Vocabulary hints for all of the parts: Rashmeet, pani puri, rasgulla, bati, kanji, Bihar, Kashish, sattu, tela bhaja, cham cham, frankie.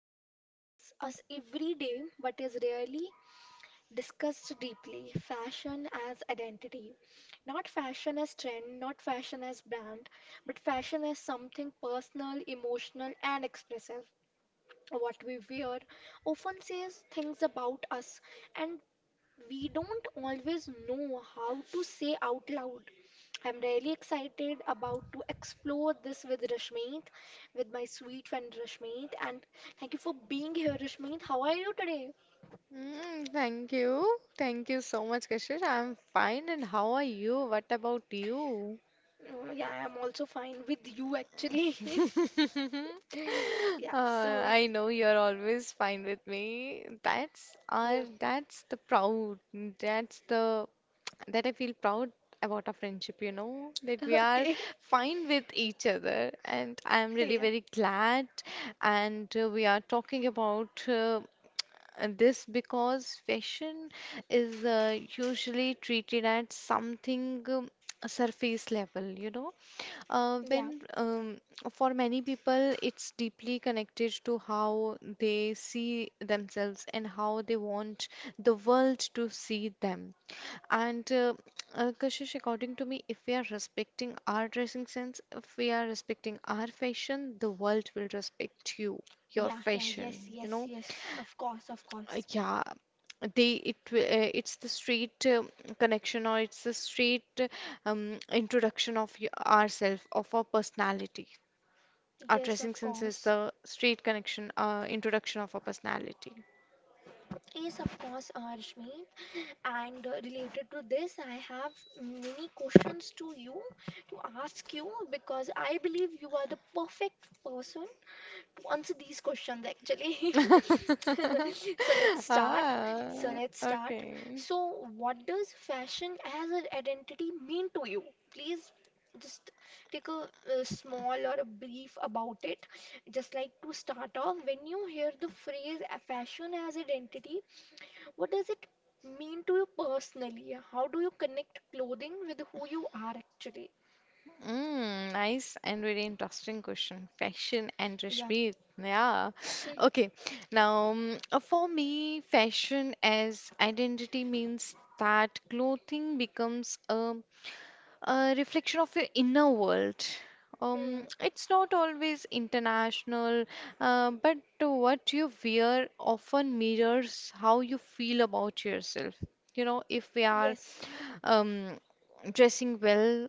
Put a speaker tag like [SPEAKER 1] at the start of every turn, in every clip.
[SPEAKER 1] that surrounds us every day but is rarely discussed deeply, fashion as identity. Not fashion as trend, not fashion as brand, but fashion as something personal, emotional, and expressive. What we wear often says things about us and we don't always know how to say out loud. I'm really excited about to explore this with Rashmeet, with my sweet friend Rashmeet. And thank you for being here, Rashmeet. How are you today?
[SPEAKER 2] Thank you. Thank you so much, Kashish. I'm fine. And how are you? What about you?
[SPEAKER 1] Mm, yeah, I'm also fine with you actually. Yeah, so
[SPEAKER 2] I know you're always fine with me.
[SPEAKER 1] yeah.
[SPEAKER 2] That's the proud. That's the that I feel proud about our friendship, you know, that we are
[SPEAKER 1] Okay.
[SPEAKER 2] fine with each other. And I'm really
[SPEAKER 1] Yeah.
[SPEAKER 2] very glad. And we are talking about This because fashion is usually treated at something surface level, you know.
[SPEAKER 1] Yeah.
[SPEAKER 2] When For many people, it's deeply connected to how they see themselves and how they want the world to see them. And Kashish, according to me, if we are respecting our dressing sense, if we are respecting our fashion, the world will respect you, your
[SPEAKER 1] Yeah, yeah, yes,
[SPEAKER 2] fashion, you
[SPEAKER 1] yes,
[SPEAKER 2] know.
[SPEAKER 1] yes. Of course, of course.
[SPEAKER 2] Yeah, they it wi- it's the straight connection or it's the straight introduction of ourselves, of our personality. Our
[SPEAKER 1] Yes,
[SPEAKER 2] dressing
[SPEAKER 1] of
[SPEAKER 2] sense is
[SPEAKER 1] course.
[SPEAKER 2] the straight connection, introduction of our personality.
[SPEAKER 1] Yes, of course, Rashmi. And related to this, I have many questions to you to ask you because I believe you are the perfect person to answer these questions actually. So let's start. So
[SPEAKER 2] Ah,
[SPEAKER 1] let's start.
[SPEAKER 2] okay.
[SPEAKER 1] So, what does fashion as an identity mean to you? Please just take a, small or a brief about it. Just like to start off, when you hear the phrase fashion as identity, what does it mean to you personally? How do you connect clothing with who you are actually?
[SPEAKER 2] Nice and really interesting question. Fashion and
[SPEAKER 1] Yeah.
[SPEAKER 2] Rashmi. Yeah.
[SPEAKER 1] Hmm.
[SPEAKER 2] Okay. Now, for me, fashion as identity means that clothing becomes a reflection of your inner world.
[SPEAKER 1] Hmm.
[SPEAKER 2] It's not always international, but what you wear often mirrors how you feel about yourself. You know, if we are
[SPEAKER 1] Yes.
[SPEAKER 2] um, dressing well,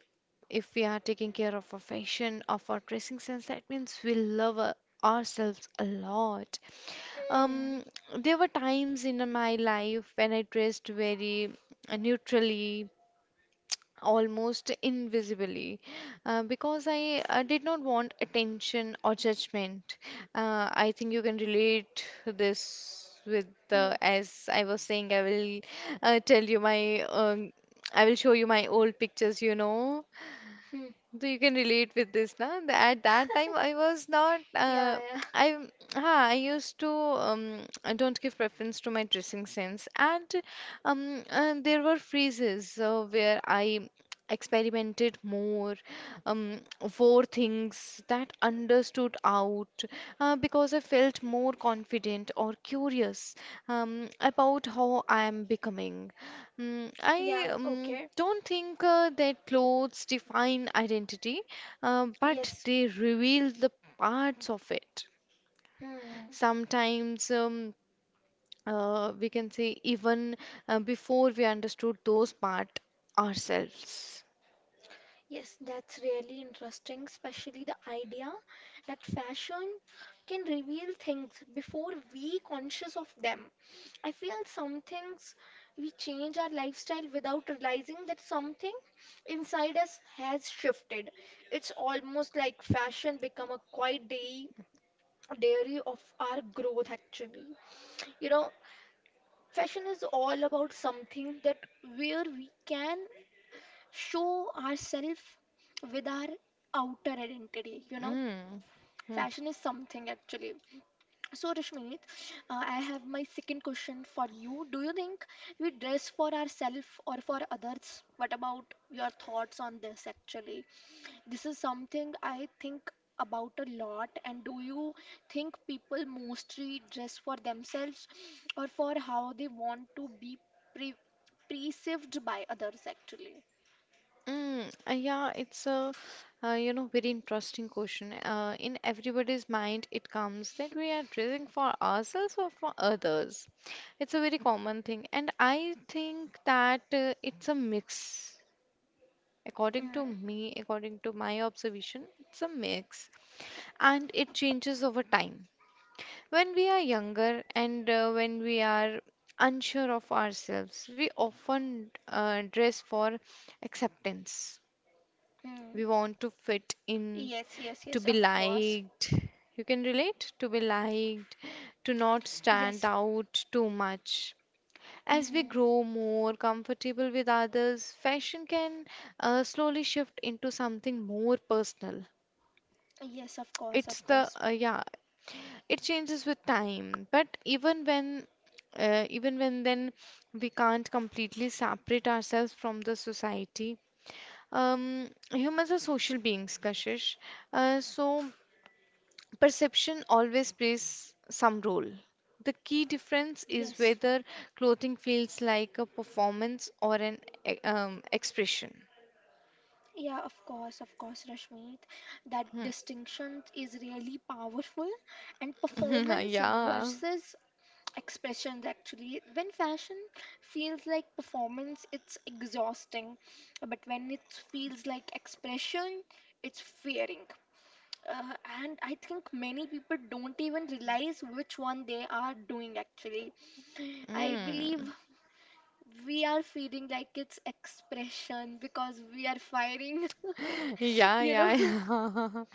[SPEAKER 2] if we are taking care of our fashion, of our dressing sense, that means ourselves a lot.
[SPEAKER 1] Mm.
[SPEAKER 2] Um, there were times in my life when I dressed very neutrally, almost invisibly, because I did not want attention or judgment. I think you can relate this with
[SPEAKER 1] Hmm.
[SPEAKER 2] the, as I was saying, I will uh, tell you my, um, I will show you my old pictures, you know.
[SPEAKER 1] Hmm.
[SPEAKER 2] So you can relate with this, na? At that time, I was not.
[SPEAKER 1] Yeah, yeah.
[SPEAKER 2] I ha, I used to. I don't give preference to my dressing sense, and there were phases where I experimented more, um, wore things that understood out, because I felt more confident or curious about how I am becoming. Mm, I
[SPEAKER 1] Yeah,
[SPEAKER 2] um,
[SPEAKER 1] okay.
[SPEAKER 2] don't think that clothes define identity, but
[SPEAKER 1] Yes.
[SPEAKER 2] they reveal the parts of it.
[SPEAKER 1] Hmm.
[SPEAKER 2] Sometimes we can say, even before we understood those parts ourselves.
[SPEAKER 1] Yes, that's really interesting, especially the idea that fashion can reveal things before we conscious of them. I feel some things we change our lifestyle without realizing that something inside us has shifted. It's almost like fashion become a quiet day diary of our growth actually. You know, fashion is all about something that where we can show ourselves with our outer identity, you know.
[SPEAKER 2] Mm. Hmm.
[SPEAKER 1] Fashion is something actually. So, Rashmi, I have my second question for you. Do you think we dress for ourselves or for others? What about your thoughts on this actually? This is something I think about a lot. And do you think people mostly dress for themselves or for how they want to be pre perceived by others actually?
[SPEAKER 2] Yeah, it's a you know, very interesting question. In everybody's mind, it comes that we are dressing for ourselves or for others. It's a very common thing, and I think that it's a mix. According to
[SPEAKER 1] Mm,
[SPEAKER 2] me, according to my observation, it's a mix, and it changes over time. When we are younger and when we are unsure of ourselves, we often dress for acceptance.
[SPEAKER 1] mm.
[SPEAKER 2] We want to fit in,
[SPEAKER 1] Yes, yes,
[SPEAKER 2] to
[SPEAKER 1] yes,
[SPEAKER 2] be
[SPEAKER 1] of course.
[SPEAKER 2] liked. You can relate, to be liked, to not stand
[SPEAKER 1] Yes.
[SPEAKER 2] out too much. As we
[SPEAKER 1] Mm,
[SPEAKER 2] grow more comfortable with others, fashion can slowly shift into something more personal.
[SPEAKER 1] yes, of course,
[SPEAKER 2] It's
[SPEAKER 1] of
[SPEAKER 2] the
[SPEAKER 1] course.
[SPEAKER 2] Yeah, it changes with time, but even when, even when then we can't completely separate ourselves from the society. Humans are social beings, Kashish, so perception always plays some role. The key difference is
[SPEAKER 1] Yes.
[SPEAKER 2] whether clothing feels like a performance or an expression.
[SPEAKER 1] Yeah, of course, Rashmit. That distinction is really powerful, and
[SPEAKER 2] Hmm.
[SPEAKER 1] performance
[SPEAKER 2] Yeah.
[SPEAKER 1] versus expressions actually. When fashion feels like performance, it's exhausting, but when it feels like expression, it's fearing. Uh, and I think many people don't even realize which one they are doing actually. I believe
[SPEAKER 2] Mm.
[SPEAKER 1] we are feeling like it's expression because we are firing,
[SPEAKER 2] Yeah,
[SPEAKER 1] you know.
[SPEAKER 2] yeah, yeah.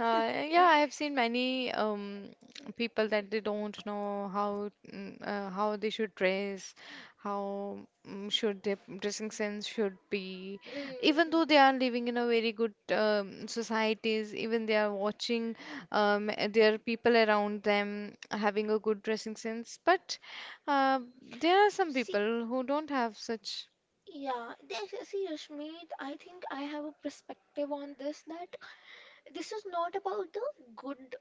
[SPEAKER 2] Yeah, I have seen many people that they don't know how how they should dress, how should their dressing sense should be. Even though they
[SPEAKER 1] Mhm.
[SPEAKER 2] are living in a very good societies, even they are watching their people around them having a good dressing sense, but uh, there are some
[SPEAKER 1] See,
[SPEAKER 2] people who don't have such.
[SPEAKER 1] yeah, there's, see, Rashmi, I think I have a perspective on this, that this is not about the good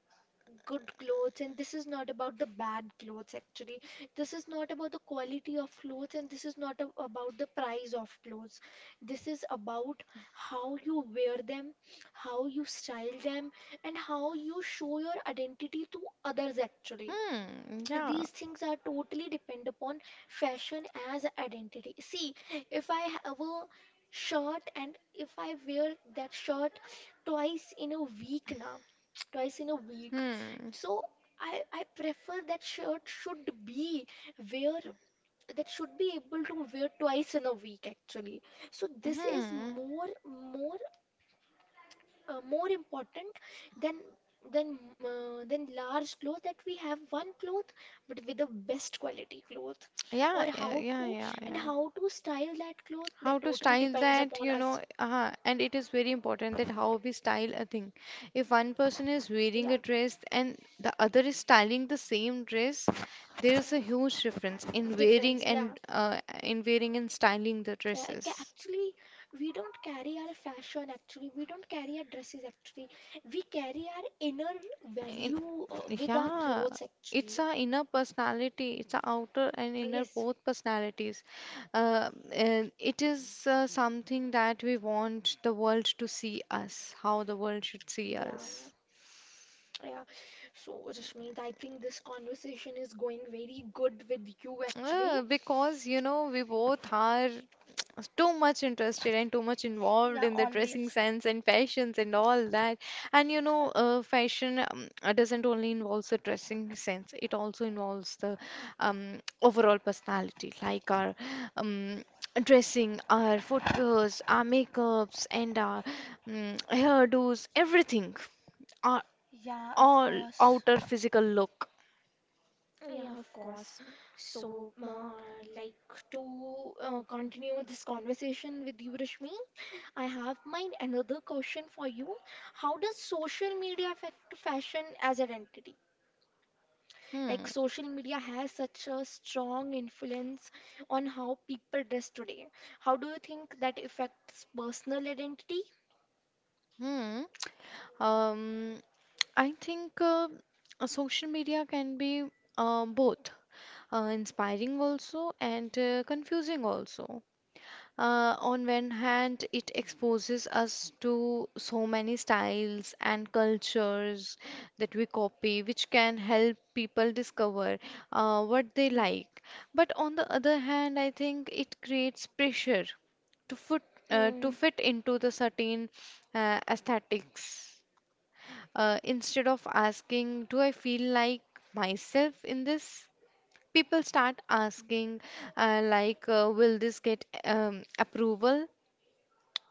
[SPEAKER 1] good clothes and this is not about the bad clothes actually. This is not about the quality of clothes and this is not about the price of clothes. This is about how you wear them, how you style them, and how you show your identity to others actually.
[SPEAKER 2] Hmm, yeah.
[SPEAKER 1] These things are totally depend upon fashion as identity. See, if I have a shirt and if I wear that shirt twice in a week, now twice in a week,
[SPEAKER 2] Hmm.
[SPEAKER 1] so I prefer that shirt should be wear, that should be able to wear twice in a week actually. So this is
[SPEAKER 2] Hmm.
[SPEAKER 1] more more important than than than large clothes, that we have one cloth but with the best quality cloth, or
[SPEAKER 2] Yeah, yeah,
[SPEAKER 1] how
[SPEAKER 2] yeah,
[SPEAKER 1] to
[SPEAKER 2] yeah,
[SPEAKER 1] and
[SPEAKER 2] yeah.
[SPEAKER 1] how to style that cloth,
[SPEAKER 2] How
[SPEAKER 1] that
[SPEAKER 2] to
[SPEAKER 1] totally
[SPEAKER 2] style
[SPEAKER 1] depends
[SPEAKER 2] that,
[SPEAKER 1] upon
[SPEAKER 2] you know.
[SPEAKER 1] us.
[SPEAKER 2] And it is very important that how we style a thing. If one person is wearing a
[SPEAKER 1] Yeah.
[SPEAKER 2] dress and the other is styling the same dress, there is a
[SPEAKER 1] Mm,
[SPEAKER 2] huge difference
[SPEAKER 1] difference, yeah,
[SPEAKER 2] in wearing and styling the
[SPEAKER 1] yeah,
[SPEAKER 2] dresses.
[SPEAKER 1] actually we don't carry our fashion actually, we don't carry our dresses actually, we carry our inner
[SPEAKER 2] in,
[SPEAKER 1] value with our
[SPEAKER 2] yeah,
[SPEAKER 1] clothes
[SPEAKER 2] it's
[SPEAKER 1] actually.
[SPEAKER 2] our inner personality, it's our outer and inner
[SPEAKER 1] Yes.
[SPEAKER 2] both personalities, and it is something that we want the world to see us, how the world should see
[SPEAKER 1] Yeah,
[SPEAKER 2] us.
[SPEAKER 1] yeah. So, Rashmi, I think this conversation is going very good with you actually.
[SPEAKER 2] Because you know, we both are too much interested and too much involved
[SPEAKER 1] Yeah,
[SPEAKER 2] in the dressing
[SPEAKER 1] always.
[SPEAKER 2] sense and fashions and all that. And you know, fashion doesn't only involves the dressing sense, it also involves the overall personality, like our um, dressing, our footwears, our makeups, and our hairdos, everything, our
[SPEAKER 1] Yeah, of
[SPEAKER 2] all
[SPEAKER 1] course.
[SPEAKER 2] outer physical look.
[SPEAKER 1] Yeah, of course. So, like to continue this conversation with you, Rashmi, I have my another question for you. How does social media affect fashion as an identity? Like
[SPEAKER 2] Hmm.
[SPEAKER 1] social media has such a strong influence on how people dress today. How do you think that affects personal identity?
[SPEAKER 2] Hmm. um I think social media can be both inspiring also, and confusing also. On one hand, it exposes us to so many styles and cultures that we copy, which can help people discover what they like. But on the other hand, I think it creates pressure to fit, to
[SPEAKER 1] Hmm.
[SPEAKER 2] fit into the certain aesthetics instead of asking, do I feel like myself in this? People start asking, will this get approval?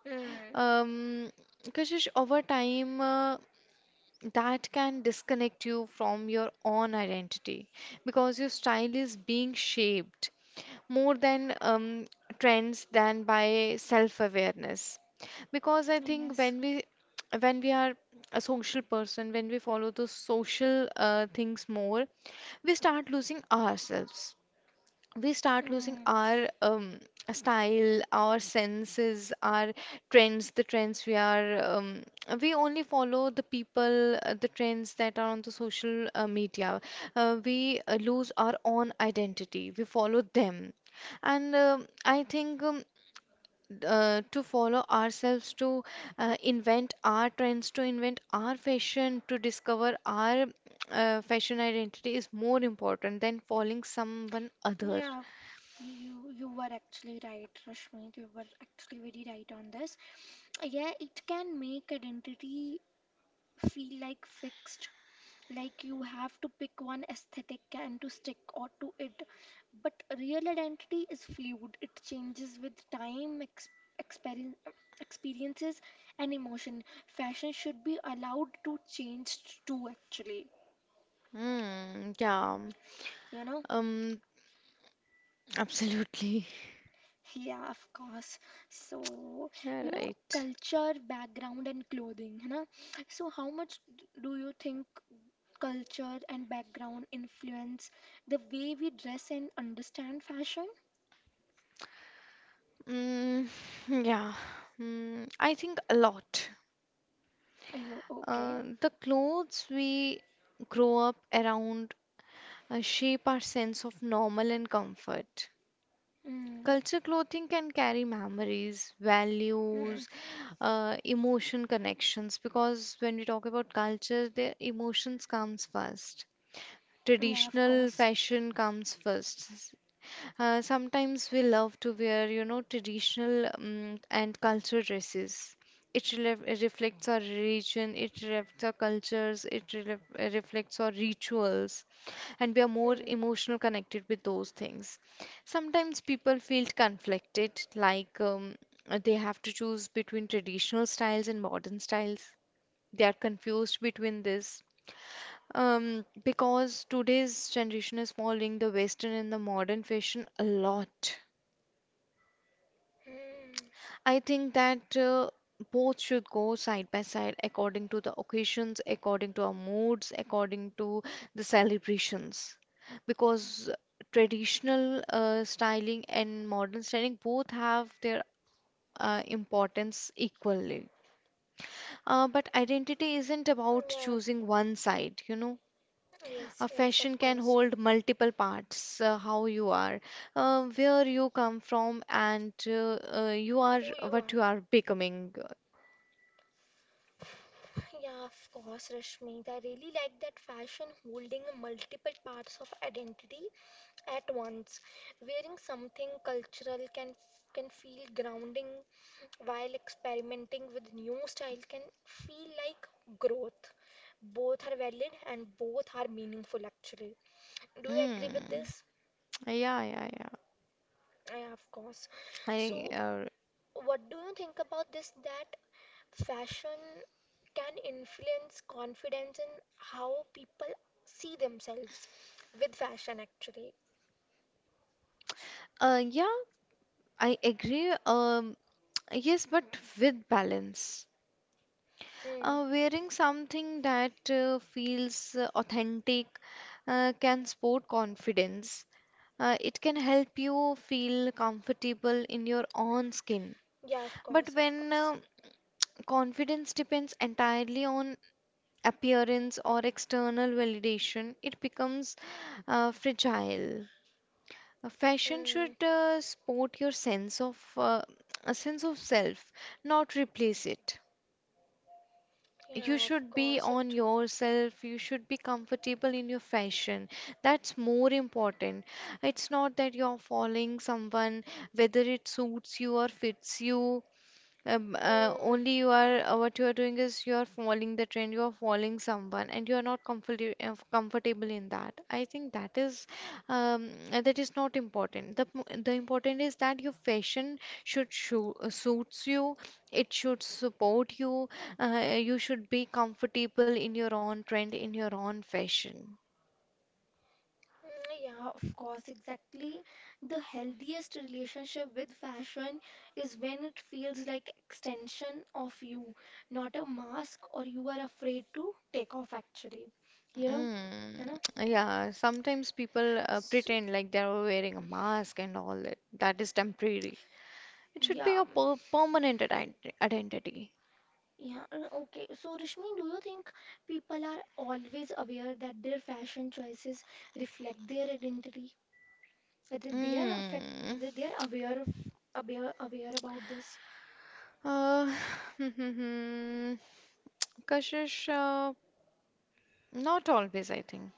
[SPEAKER 1] Hmm.
[SPEAKER 2] Um, Kashish, over time, that can disconnect you from your own identity, because your style is being shaped more than trends than by self-awareness. Because I think
[SPEAKER 1] Yes.
[SPEAKER 2] when we, when we are a social person, when we follow those social things more, we start losing ourselves, we start losing
[SPEAKER 1] Mm.
[SPEAKER 2] our style, our senses, our trends, the trends we are. We only follow the people, the trends that are on the social media. We lose our own identity. We follow them. And I think, to follow ourselves, to invent our trends, to invent our fashion, to discover our fashion identity is more important than following someone other.
[SPEAKER 1] Yeah, you you were actually right, Rashmi. You were actually very right on this. Yeah, it can make identity feel like fixed. Like you have to pick one aesthetic and to stick or to it. But real identity is fluid. It changes with time, ex experin- experiences, and emotion. Fashion should be allowed to change too, actually.
[SPEAKER 2] Hmm, yeah.
[SPEAKER 1] You know?
[SPEAKER 2] Um, Absolutely.
[SPEAKER 1] Yeah, of course. So,
[SPEAKER 2] You're
[SPEAKER 1] you know,
[SPEAKER 2] right.
[SPEAKER 1] culture, background, and clothing, na? So, how much do you think culture and background influence the way we dress and understand fashion?
[SPEAKER 2] Mm. Yeah. Mm, I think a lot.
[SPEAKER 1] Are you okay?
[SPEAKER 2] The clothes we grow up around shape our sense of normal and comfort.
[SPEAKER 1] Mm.
[SPEAKER 2] Culture clothing can carry memories,
[SPEAKER 1] Mm.
[SPEAKER 2] values, emotion connections, because when we talk about culture, their emotions comes first.
[SPEAKER 1] Yeah, of
[SPEAKER 2] Traditional
[SPEAKER 1] course.
[SPEAKER 2] fashion comes first. Sometimes we love to wear, you know, traditional and cultural dresses. Reflects our religion, it reflects our cultures, it reflects our rituals, and we are more
[SPEAKER 1] Mm.
[SPEAKER 2] emotional connected with those things. Sometimes people feel conflicted, like they have to choose between traditional styles and modern styles. They are confused between this. Because today's generation is following the Western and the modern fashion a lot.
[SPEAKER 1] Mm.
[SPEAKER 2] I think that both should go side by side according to the occasions, according to our moods, according to the celebrations. Because traditional styling and modern styling both have their importance equally. But identity isn't about
[SPEAKER 1] Yeah.
[SPEAKER 2] choosing one side, you know.
[SPEAKER 1] Yes,
[SPEAKER 2] A
[SPEAKER 1] yes, of
[SPEAKER 2] fashion can
[SPEAKER 1] course.
[SPEAKER 2] hold multiple parts, how you are, where you come from, and you are
[SPEAKER 1] Who you
[SPEAKER 2] what you
[SPEAKER 1] are.
[SPEAKER 2] are becoming.
[SPEAKER 1] Yeah, of course, Rashmi. I really like that fashion holding multiple parts of identity at once. Wearing something cultural can feel grounding, while experimenting with new style can feel like growth. Both are valid and both are meaningful, actually. Do you agree with
[SPEAKER 2] Mm.
[SPEAKER 1] this?
[SPEAKER 2] Yeah, yeah, yeah.
[SPEAKER 1] Yeah, of course.
[SPEAKER 2] I
[SPEAKER 1] So, what do you think about this? That fashion can influence confidence and how people see themselves with fashion, actually.
[SPEAKER 2] Uh, yeah, I agree. Yes, but with balance.
[SPEAKER 1] Hmm.
[SPEAKER 2] Wearing something that feels authentic can sport confidence. It can help you feel comfortable in your own skin.
[SPEAKER 1] Yeah, of
[SPEAKER 2] But
[SPEAKER 1] course, of
[SPEAKER 2] when
[SPEAKER 1] course.
[SPEAKER 2] confidence depends entirely on appearance or external validation, it becomes fragile. Fashion
[SPEAKER 1] Hmm.
[SPEAKER 2] should support your sense of a sense of self, not replace it. You
[SPEAKER 1] Yeah, of
[SPEAKER 2] should be
[SPEAKER 1] course
[SPEAKER 2] on
[SPEAKER 1] it.
[SPEAKER 2] yourself, you should be comfortable in your fashion. That's more important. It's not that you're following someone, whether it suits you or fits you.
[SPEAKER 1] Hmm.
[SPEAKER 2] Only you are, what you are doing is you are following the trend, you are following someone and you are not comfortable in that. I think that is not important. The important is that your fashion should suits you, it should support you, you should be comfortable in your own trend, in your own fashion.
[SPEAKER 1] Mm, yeah, of course, exactly. The healthiest relationship with fashion is when it feels like extension of you, not a mask or you are afraid to take off actually. You know?
[SPEAKER 2] Mm,
[SPEAKER 1] You know?
[SPEAKER 2] yeah, sometimes people
[SPEAKER 1] So,
[SPEAKER 2] pretend like they are wearing a mask and all that. That is temporary. It should be
[SPEAKER 1] yeah.
[SPEAKER 2] a permanent identity.
[SPEAKER 1] Yeah, okay. So, Rishmi, do you think people are always aware that their fashion choices reflect their identity? That they are affect,
[SPEAKER 2] Hmm.
[SPEAKER 1] that they are aware of, aware, aware about this?
[SPEAKER 2] Uh, Kashish, not always, I think.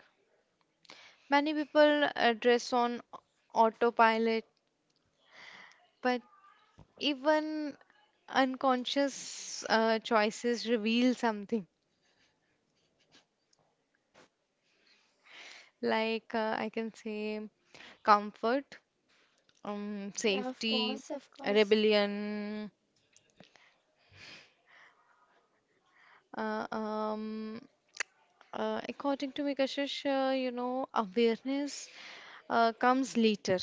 [SPEAKER 2] Many people dress on autopilot, but even unconscious choices reveal something. Like, I can say, comfort,
[SPEAKER 1] Yeah, of
[SPEAKER 2] safety,
[SPEAKER 1] course, of course.
[SPEAKER 2] rebellion, uh, um, according to me, Kashish, you know, awareness comes later,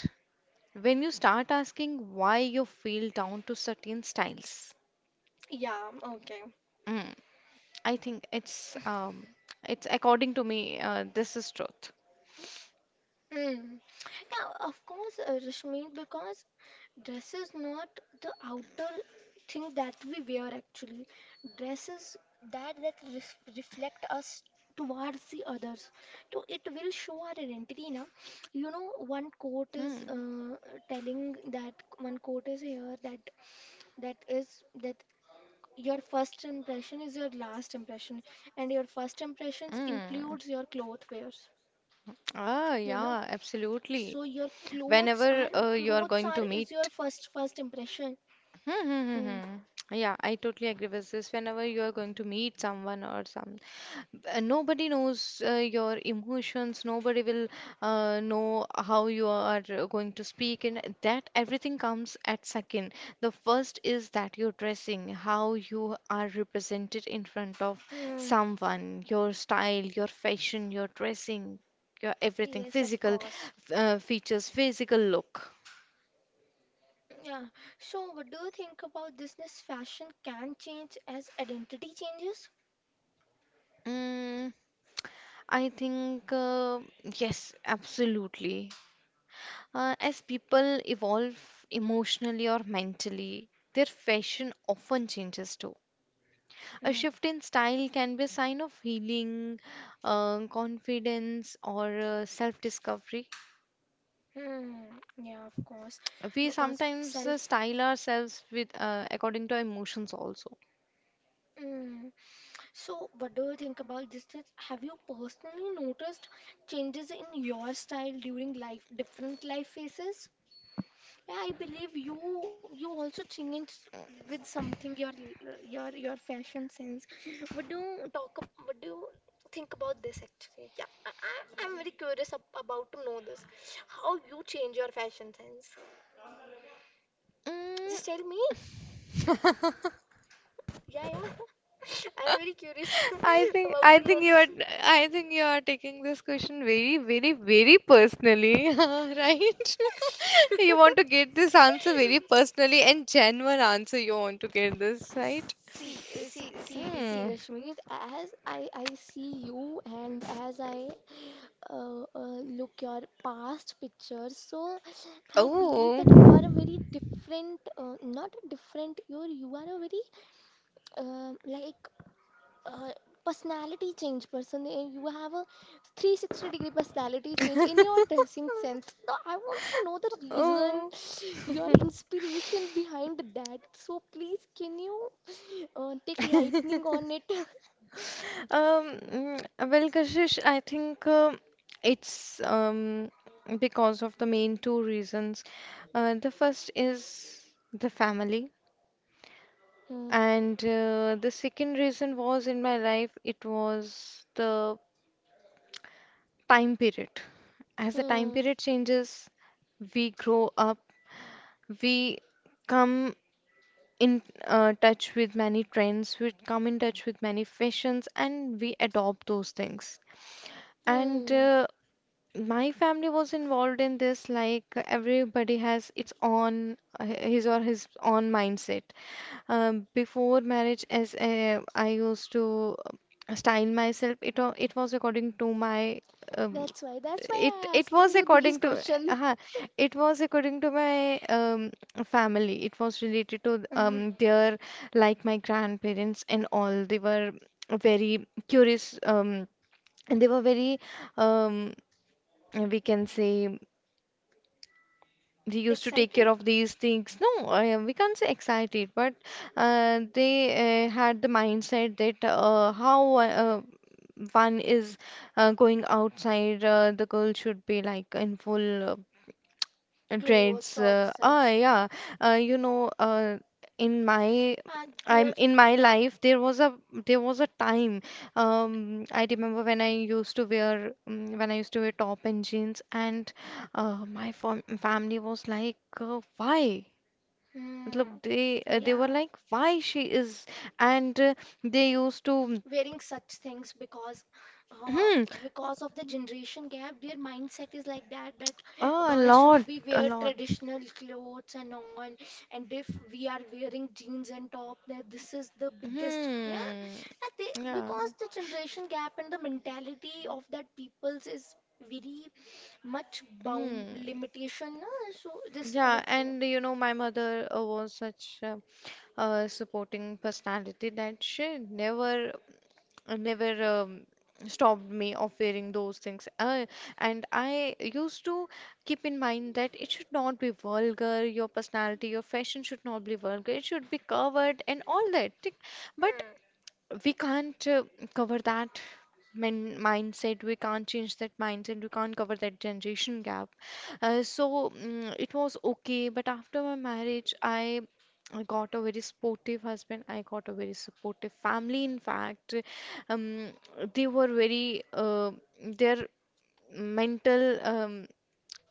[SPEAKER 2] when you start asking why you feel down to certain styles.
[SPEAKER 1] Yeah, okay.
[SPEAKER 2] Mm, I think it's it's, according to me, this is truth.
[SPEAKER 1] Mm. Yeah, of course, Rashmi, because dress is not the outer thing that we wear actually. Dress is that that ref reflect us towards the others. So it will
[SPEAKER 2] Hmm.
[SPEAKER 1] show our identity now. You know, one coat is telling that one coat is here that that is that your first impression is your last impression, and your first impressions
[SPEAKER 2] Mm.
[SPEAKER 1] includes your cloth wears.
[SPEAKER 2] Ah,
[SPEAKER 1] You know.
[SPEAKER 2] yeah, absolutely.
[SPEAKER 1] So your
[SPEAKER 2] Whenever you are
[SPEAKER 1] clothes
[SPEAKER 2] going
[SPEAKER 1] are
[SPEAKER 2] to
[SPEAKER 1] is your
[SPEAKER 2] meet,
[SPEAKER 1] first impression.
[SPEAKER 2] hmm, hmm, hmm,
[SPEAKER 1] Hmm.
[SPEAKER 2] hmm, yeah, I totally agree with this. Whenever you are going to meet someone or some nobody knows your emotions, nobody will know how you are going to speak, and that everything comes at second. The first is that your dressing, how you are represented in front of
[SPEAKER 1] Hmm.
[SPEAKER 2] someone, your style, your fashion, your dressing, your everything
[SPEAKER 1] Yes, of
[SPEAKER 2] physical
[SPEAKER 1] course.
[SPEAKER 2] features, physical look.
[SPEAKER 1] Yeah. So what do you think about this? This fashion can change as identity changes.
[SPEAKER 2] Mm, I think yes, absolutely. As people evolve emotionally or mentally, their fashion often changes too. A
[SPEAKER 1] Hmm.
[SPEAKER 2] shift in style can be a sign of healing, confidence, or self discovery.
[SPEAKER 1] Hmm. Yeah, of course.
[SPEAKER 2] We
[SPEAKER 1] Because
[SPEAKER 2] sometimes
[SPEAKER 1] self.
[SPEAKER 2] style ourselves with according to emotions also.
[SPEAKER 1] Mm. So, what do you think about this? That have you personally noticed changes in your style during life, different life phases? Yeah, I believe you also changed with something your your fashion sense. What do you talk? What do you think about this actually? Yeah, I I'm very curious ab about to know this. How you change your fashion sense?
[SPEAKER 2] Mm,
[SPEAKER 1] Just tell me. Yeah, yeah. I'm very curious
[SPEAKER 2] I think
[SPEAKER 1] about
[SPEAKER 2] I
[SPEAKER 1] to know
[SPEAKER 2] think
[SPEAKER 1] this.
[SPEAKER 2] you are taking this question very very very personally, right? You want to get this answer very personally, and genuine answer you want to get this, right?
[SPEAKER 1] See, see, see, see,
[SPEAKER 2] Hmm.
[SPEAKER 1] Rashmi, as I see you and as I look your past pictures, so I believe
[SPEAKER 2] Oh.
[SPEAKER 1] that you are a very different, not a different, you are a very like uh, personality change person. You have a 360 degree personality change in your dressing sense. So I want to know the reason,
[SPEAKER 2] Oh.
[SPEAKER 1] your inspiration behind that. So please, can you take lightning on it?
[SPEAKER 2] Well, Kashish, I think it's because of the main two reasons. The first is the family,
[SPEAKER 1] Hmm.
[SPEAKER 2] and the second reason was in my life, it was the time period. As the time
[SPEAKER 1] Hmm.
[SPEAKER 2] period changes, we grow up, we come in touch with many trends, we come in touch with many fashions, and we adopt those things. And
[SPEAKER 1] Hmm.
[SPEAKER 2] My family was involved in this, like everybody has its own, his or his own mindset. Before marriage, as I used to style myself, it was according to my, um,
[SPEAKER 1] That's why. That's why
[SPEAKER 2] it
[SPEAKER 1] I
[SPEAKER 2] it was
[SPEAKER 1] asking you these
[SPEAKER 2] according to,
[SPEAKER 1] question.
[SPEAKER 2] uh, it was according to my family. It was related to
[SPEAKER 1] Hmm.
[SPEAKER 2] their, like my grandparents and all. They were very curious, and they were very. Um, we can say we used to take
[SPEAKER 1] Excited?
[SPEAKER 2] care of these things, no, we can't say excited, but they had the mindset that how one is going outside, the girl should be like in full
[SPEAKER 1] Clothes
[SPEAKER 2] traits.
[SPEAKER 1] or some.
[SPEAKER 2] Yeah. You know, in my
[SPEAKER 1] Ah,
[SPEAKER 2] I'm
[SPEAKER 1] there.
[SPEAKER 2] in my
[SPEAKER 1] Yeah.
[SPEAKER 2] life, there was a time I remember when I used to wear when I used to wear top and jeans, and my family was like why?
[SPEAKER 1] Hmm.
[SPEAKER 2] Matlab, they they were
[SPEAKER 1] Yeah.
[SPEAKER 2] like, why she is, and they used to
[SPEAKER 1] Wearing such things uh,
[SPEAKER 2] hmm,
[SPEAKER 1] because of the generation gap their mindset is like that, that
[SPEAKER 2] a
[SPEAKER 1] girls should
[SPEAKER 2] lot
[SPEAKER 1] be
[SPEAKER 2] a
[SPEAKER 1] wear
[SPEAKER 2] lot
[SPEAKER 1] traditional clothes and all, and if we are wearing jeans and top that this is the biggest, yeah.
[SPEAKER 2] Hmm.
[SPEAKER 1] And they,
[SPEAKER 2] Yeah.
[SPEAKER 1] because the generation gap and the mentality of that people's is very much bound
[SPEAKER 2] Hmm.
[SPEAKER 1] limitation, na? So this
[SPEAKER 2] Yeah,
[SPEAKER 1] okay.
[SPEAKER 2] and you know, my mother was such a supporting personality that she never stopped me of wearing those things. And I used to keep in mind that it should not be vulgar, your personality, your fashion should not be vulgar, it should be covered and all that. Tick. But
[SPEAKER 1] Mm.
[SPEAKER 2] we can't cover that mindset, we can't change that mindset, we can't cover that generation gap. So it was okay, but after my marriage, I got a very supportive husband. I got a very supportive family. In fact, um, they were very their mental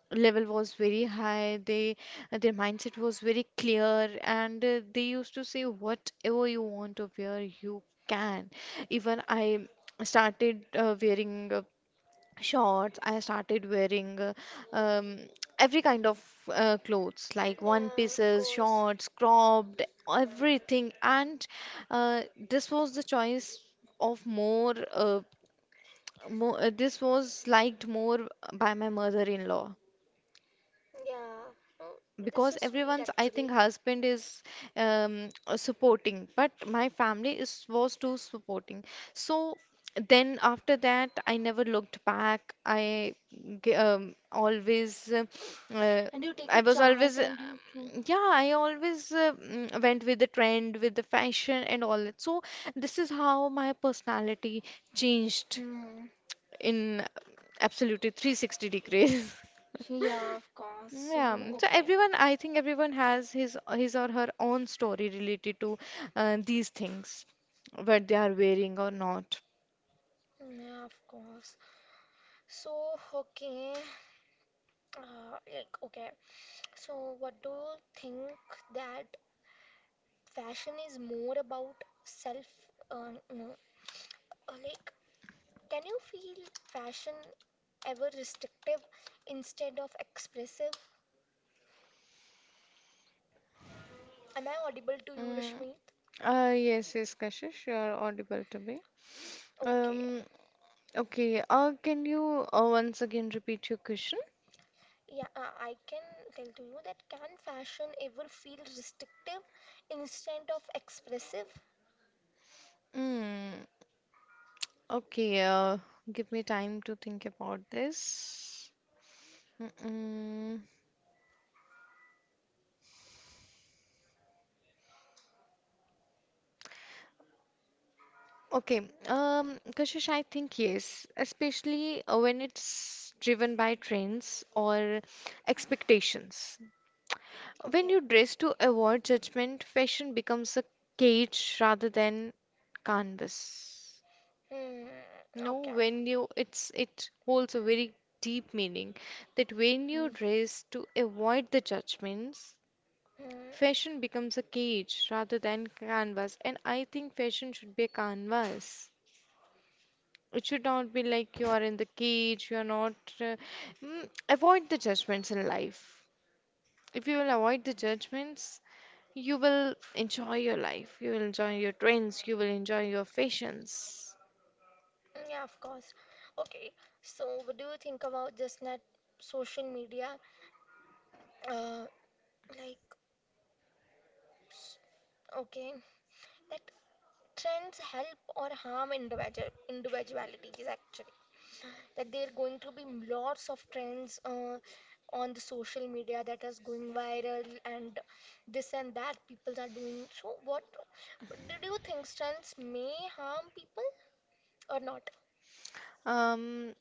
[SPEAKER 2] level was very high. They Their mindset was very clear, and they used to say, whatever you want to wear, you can. Even I started wearing shorts. I started wearing um, every kind of clothes, like one
[SPEAKER 1] Yeah, of
[SPEAKER 2] pieces,
[SPEAKER 1] course.
[SPEAKER 2] shorts, cropped, everything. And uh, this was the choice of more. This was liked more by my mother-in-law,
[SPEAKER 1] Yeah, oh, that's so
[SPEAKER 2] because
[SPEAKER 1] sweet
[SPEAKER 2] everyone's, I think,
[SPEAKER 1] actually.
[SPEAKER 2] husband is supporting, but my family is was too supporting so then after that, I never looked back. I g- always uh,
[SPEAKER 1] And you take a
[SPEAKER 2] I was
[SPEAKER 1] chance
[SPEAKER 2] always
[SPEAKER 1] and you too.
[SPEAKER 2] yeah, I always went with the trend, with the fashion and all that. So this is how my personality changed
[SPEAKER 1] Hmm.
[SPEAKER 2] in absolutely 360 degrees.
[SPEAKER 1] Yeah, of course.
[SPEAKER 2] Yeah,
[SPEAKER 1] So,
[SPEAKER 2] so
[SPEAKER 1] okay.
[SPEAKER 2] everyone, I think everyone has his or her own story related to these things, what they are wearing or not.
[SPEAKER 1] Yeah, of course. So, okay. Like, okay. So, what do you think that fashion is more about self, no, like, can you feel fashion ever restrictive instead of expressive? Am I audible to you,
[SPEAKER 2] Mm,
[SPEAKER 1] Rashmi?
[SPEAKER 2] yes, yes, Kashish, you are audible to me.
[SPEAKER 1] Okay,
[SPEAKER 2] Um, okay, can you once again repeat your question?
[SPEAKER 1] yeah, I can tell to you that can fashion ever feel restrictive instead of expressive?
[SPEAKER 2] Mm, okay, give me time to think about this. Mm-mm. Okay, Kashish, I think yes, especially when it's driven by trends or expectations. When
[SPEAKER 1] Okay.
[SPEAKER 2] you dress to avoid judgment, fashion becomes a cage rather than canvas.
[SPEAKER 1] Hmm.
[SPEAKER 2] No,
[SPEAKER 1] Okay.
[SPEAKER 2] when you it's, it holds a very deep meaning that when you
[SPEAKER 1] Hmm.
[SPEAKER 2] dress to avoid the judgments,
[SPEAKER 1] Hmm.
[SPEAKER 2] fashion becomes a cage rather than canvas. And I think fashion should be a canvas. It should not be like you are in the cage, you are not. Uh, avoid the judgments in life. If you will avoid the judgments, you will enjoy your life. You will enjoy your trends. You will enjoy your fashions.
[SPEAKER 1] Yeah, of course. Okay. So, what do you think about just net social media? Uh, like, okay, that trends help or harm individual individualities actually. That there are going to be lots of trends on the social media that is going viral and this and that people are doing. So what did you think trends may harm people or not?
[SPEAKER 2] Um,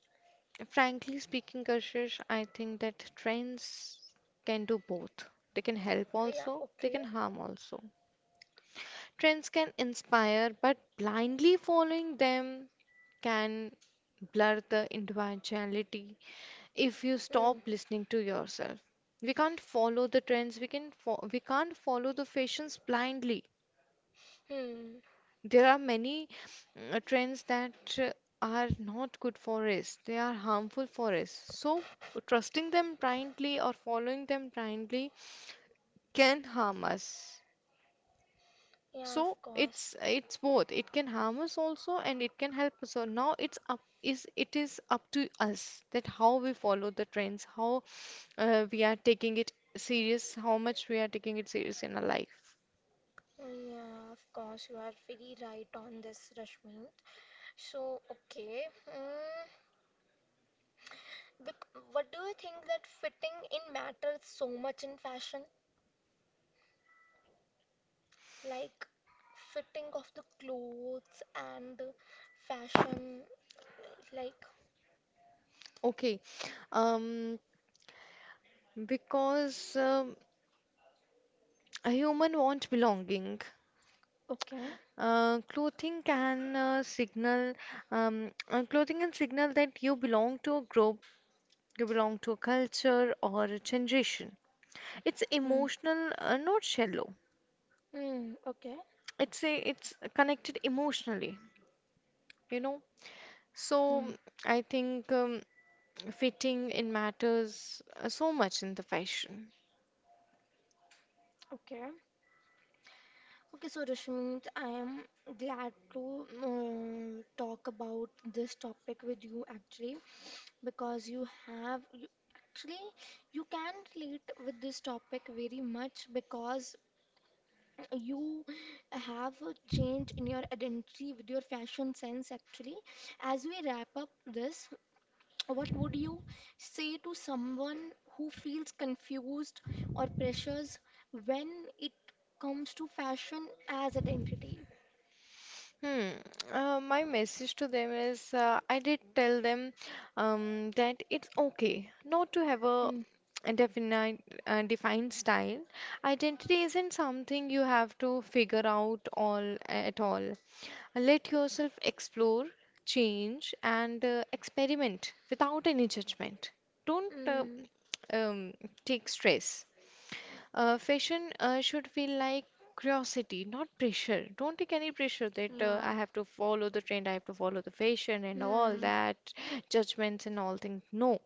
[SPEAKER 2] Frankly speaking, Kashish, I think that trends can do both. They can help
[SPEAKER 1] Yeah,
[SPEAKER 2] also, they
[SPEAKER 1] okay.
[SPEAKER 2] can harm also. Trends can inspire, but blindly following them can blur the individuality if you
[SPEAKER 1] Hmm.
[SPEAKER 2] stop listening to yourself. We can't follow the trends. We can fo- we can't follow the fashions blindly.
[SPEAKER 1] Hmm.
[SPEAKER 2] There are many trends that are not good for us. They are harmful for us. So trusting them blindly or following them blindly can harm us.
[SPEAKER 1] Yeah, of
[SPEAKER 2] So
[SPEAKER 1] course.
[SPEAKER 2] it's both. It can harm us also, and it can help us. So now it is up to us that how we follow the trends, how we are taking it serious, how much we are taking it serious in our life.
[SPEAKER 1] Yeah, of course, you are very right on this, Rashmi. So, okay, mm, bec- what do you think that fitting in matters so much in fashion? Like fitting of the clothes and fashion, like
[SPEAKER 2] Okay. Um, because a human want belonging.
[SPEAKER 1] okay.
[SPEAKER 2] Uh, clothing can uh, signal clothing can signal that you belong to a group, you belong to a culture or a generation. It's
[SPEAKER 1] Mm,
[SPEAKER 2] emotional, not shallow.
[SPEAKER 1] mm, okay.
[SPEAKER 2] It's connected emotionally, you know. So
[SPEAKER 1] Mm,
[SPEAKER 2] I think fitting in matters so much in the fashion.
[SPEAKER 1] okay. Okay, so Rishmit, I am glad to talk about this topic with you actually, because you have you, actually you can relate with this topic very much because you have a change in your identity with your fashion sense actually. As we wrap up this, what would you say to someone who feels confused or pressures when it comes to fashion as identity?
[SPEAKER 2] Hmm. My message to them is, I did tell them that it's okay not to have
[SPEAKER 1] Hmm.
[SPEAKER 2] a definite, defined style. Identity isn't something you have to figure out all at all. Let yourself explore, change, and experiment without any judgment. Don't
[SPEAKER 1] Mm,
[SPEAKER 2] um, take stress. Fashion should feel like curiosity, not pressure. Don't take any pressure that
[SPEAKER 1] yeah.
[SPEAKER 2] I have to follow the trend, I have to follow the fashion and all
[SPEAKER 1] Hmm.
[SPEAKER 2] that, judgments and all things. No.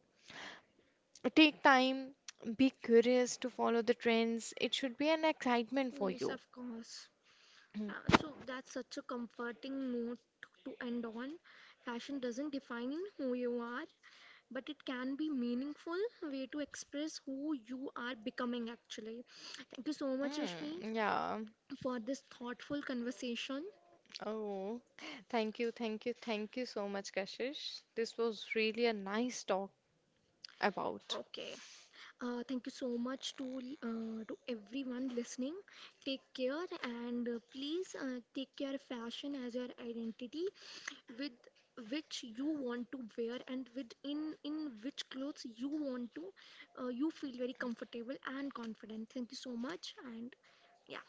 [SPEAKER 2] Take time, be curious to follow the trends. It should be an excitement for
[SPEAKER 1] Yes,
[SPEAKER 2] you.
[SPEAKER 1] of course. Yeah, so that's such a comforting note to end on. Fashion doesn't define who you are, but it can be meaningful way to express who you are becoming actually. Thank you so much, Rashmi,
[SPEAKER 2] Yeah.
[SPEAKER 1] for this thoughtful conversation.
[SPEAKER 2] Oh, thank you, thank you, thank you so much, Kashish. This was really a nice talk about.
[SPEAKER 1] Okay. Thank you so much to everyone listening. Take care and please take your fashion as your identity with which you want to wear and with in which clothes you want to you feel very comfortable and confident. Thank you so much and yeah.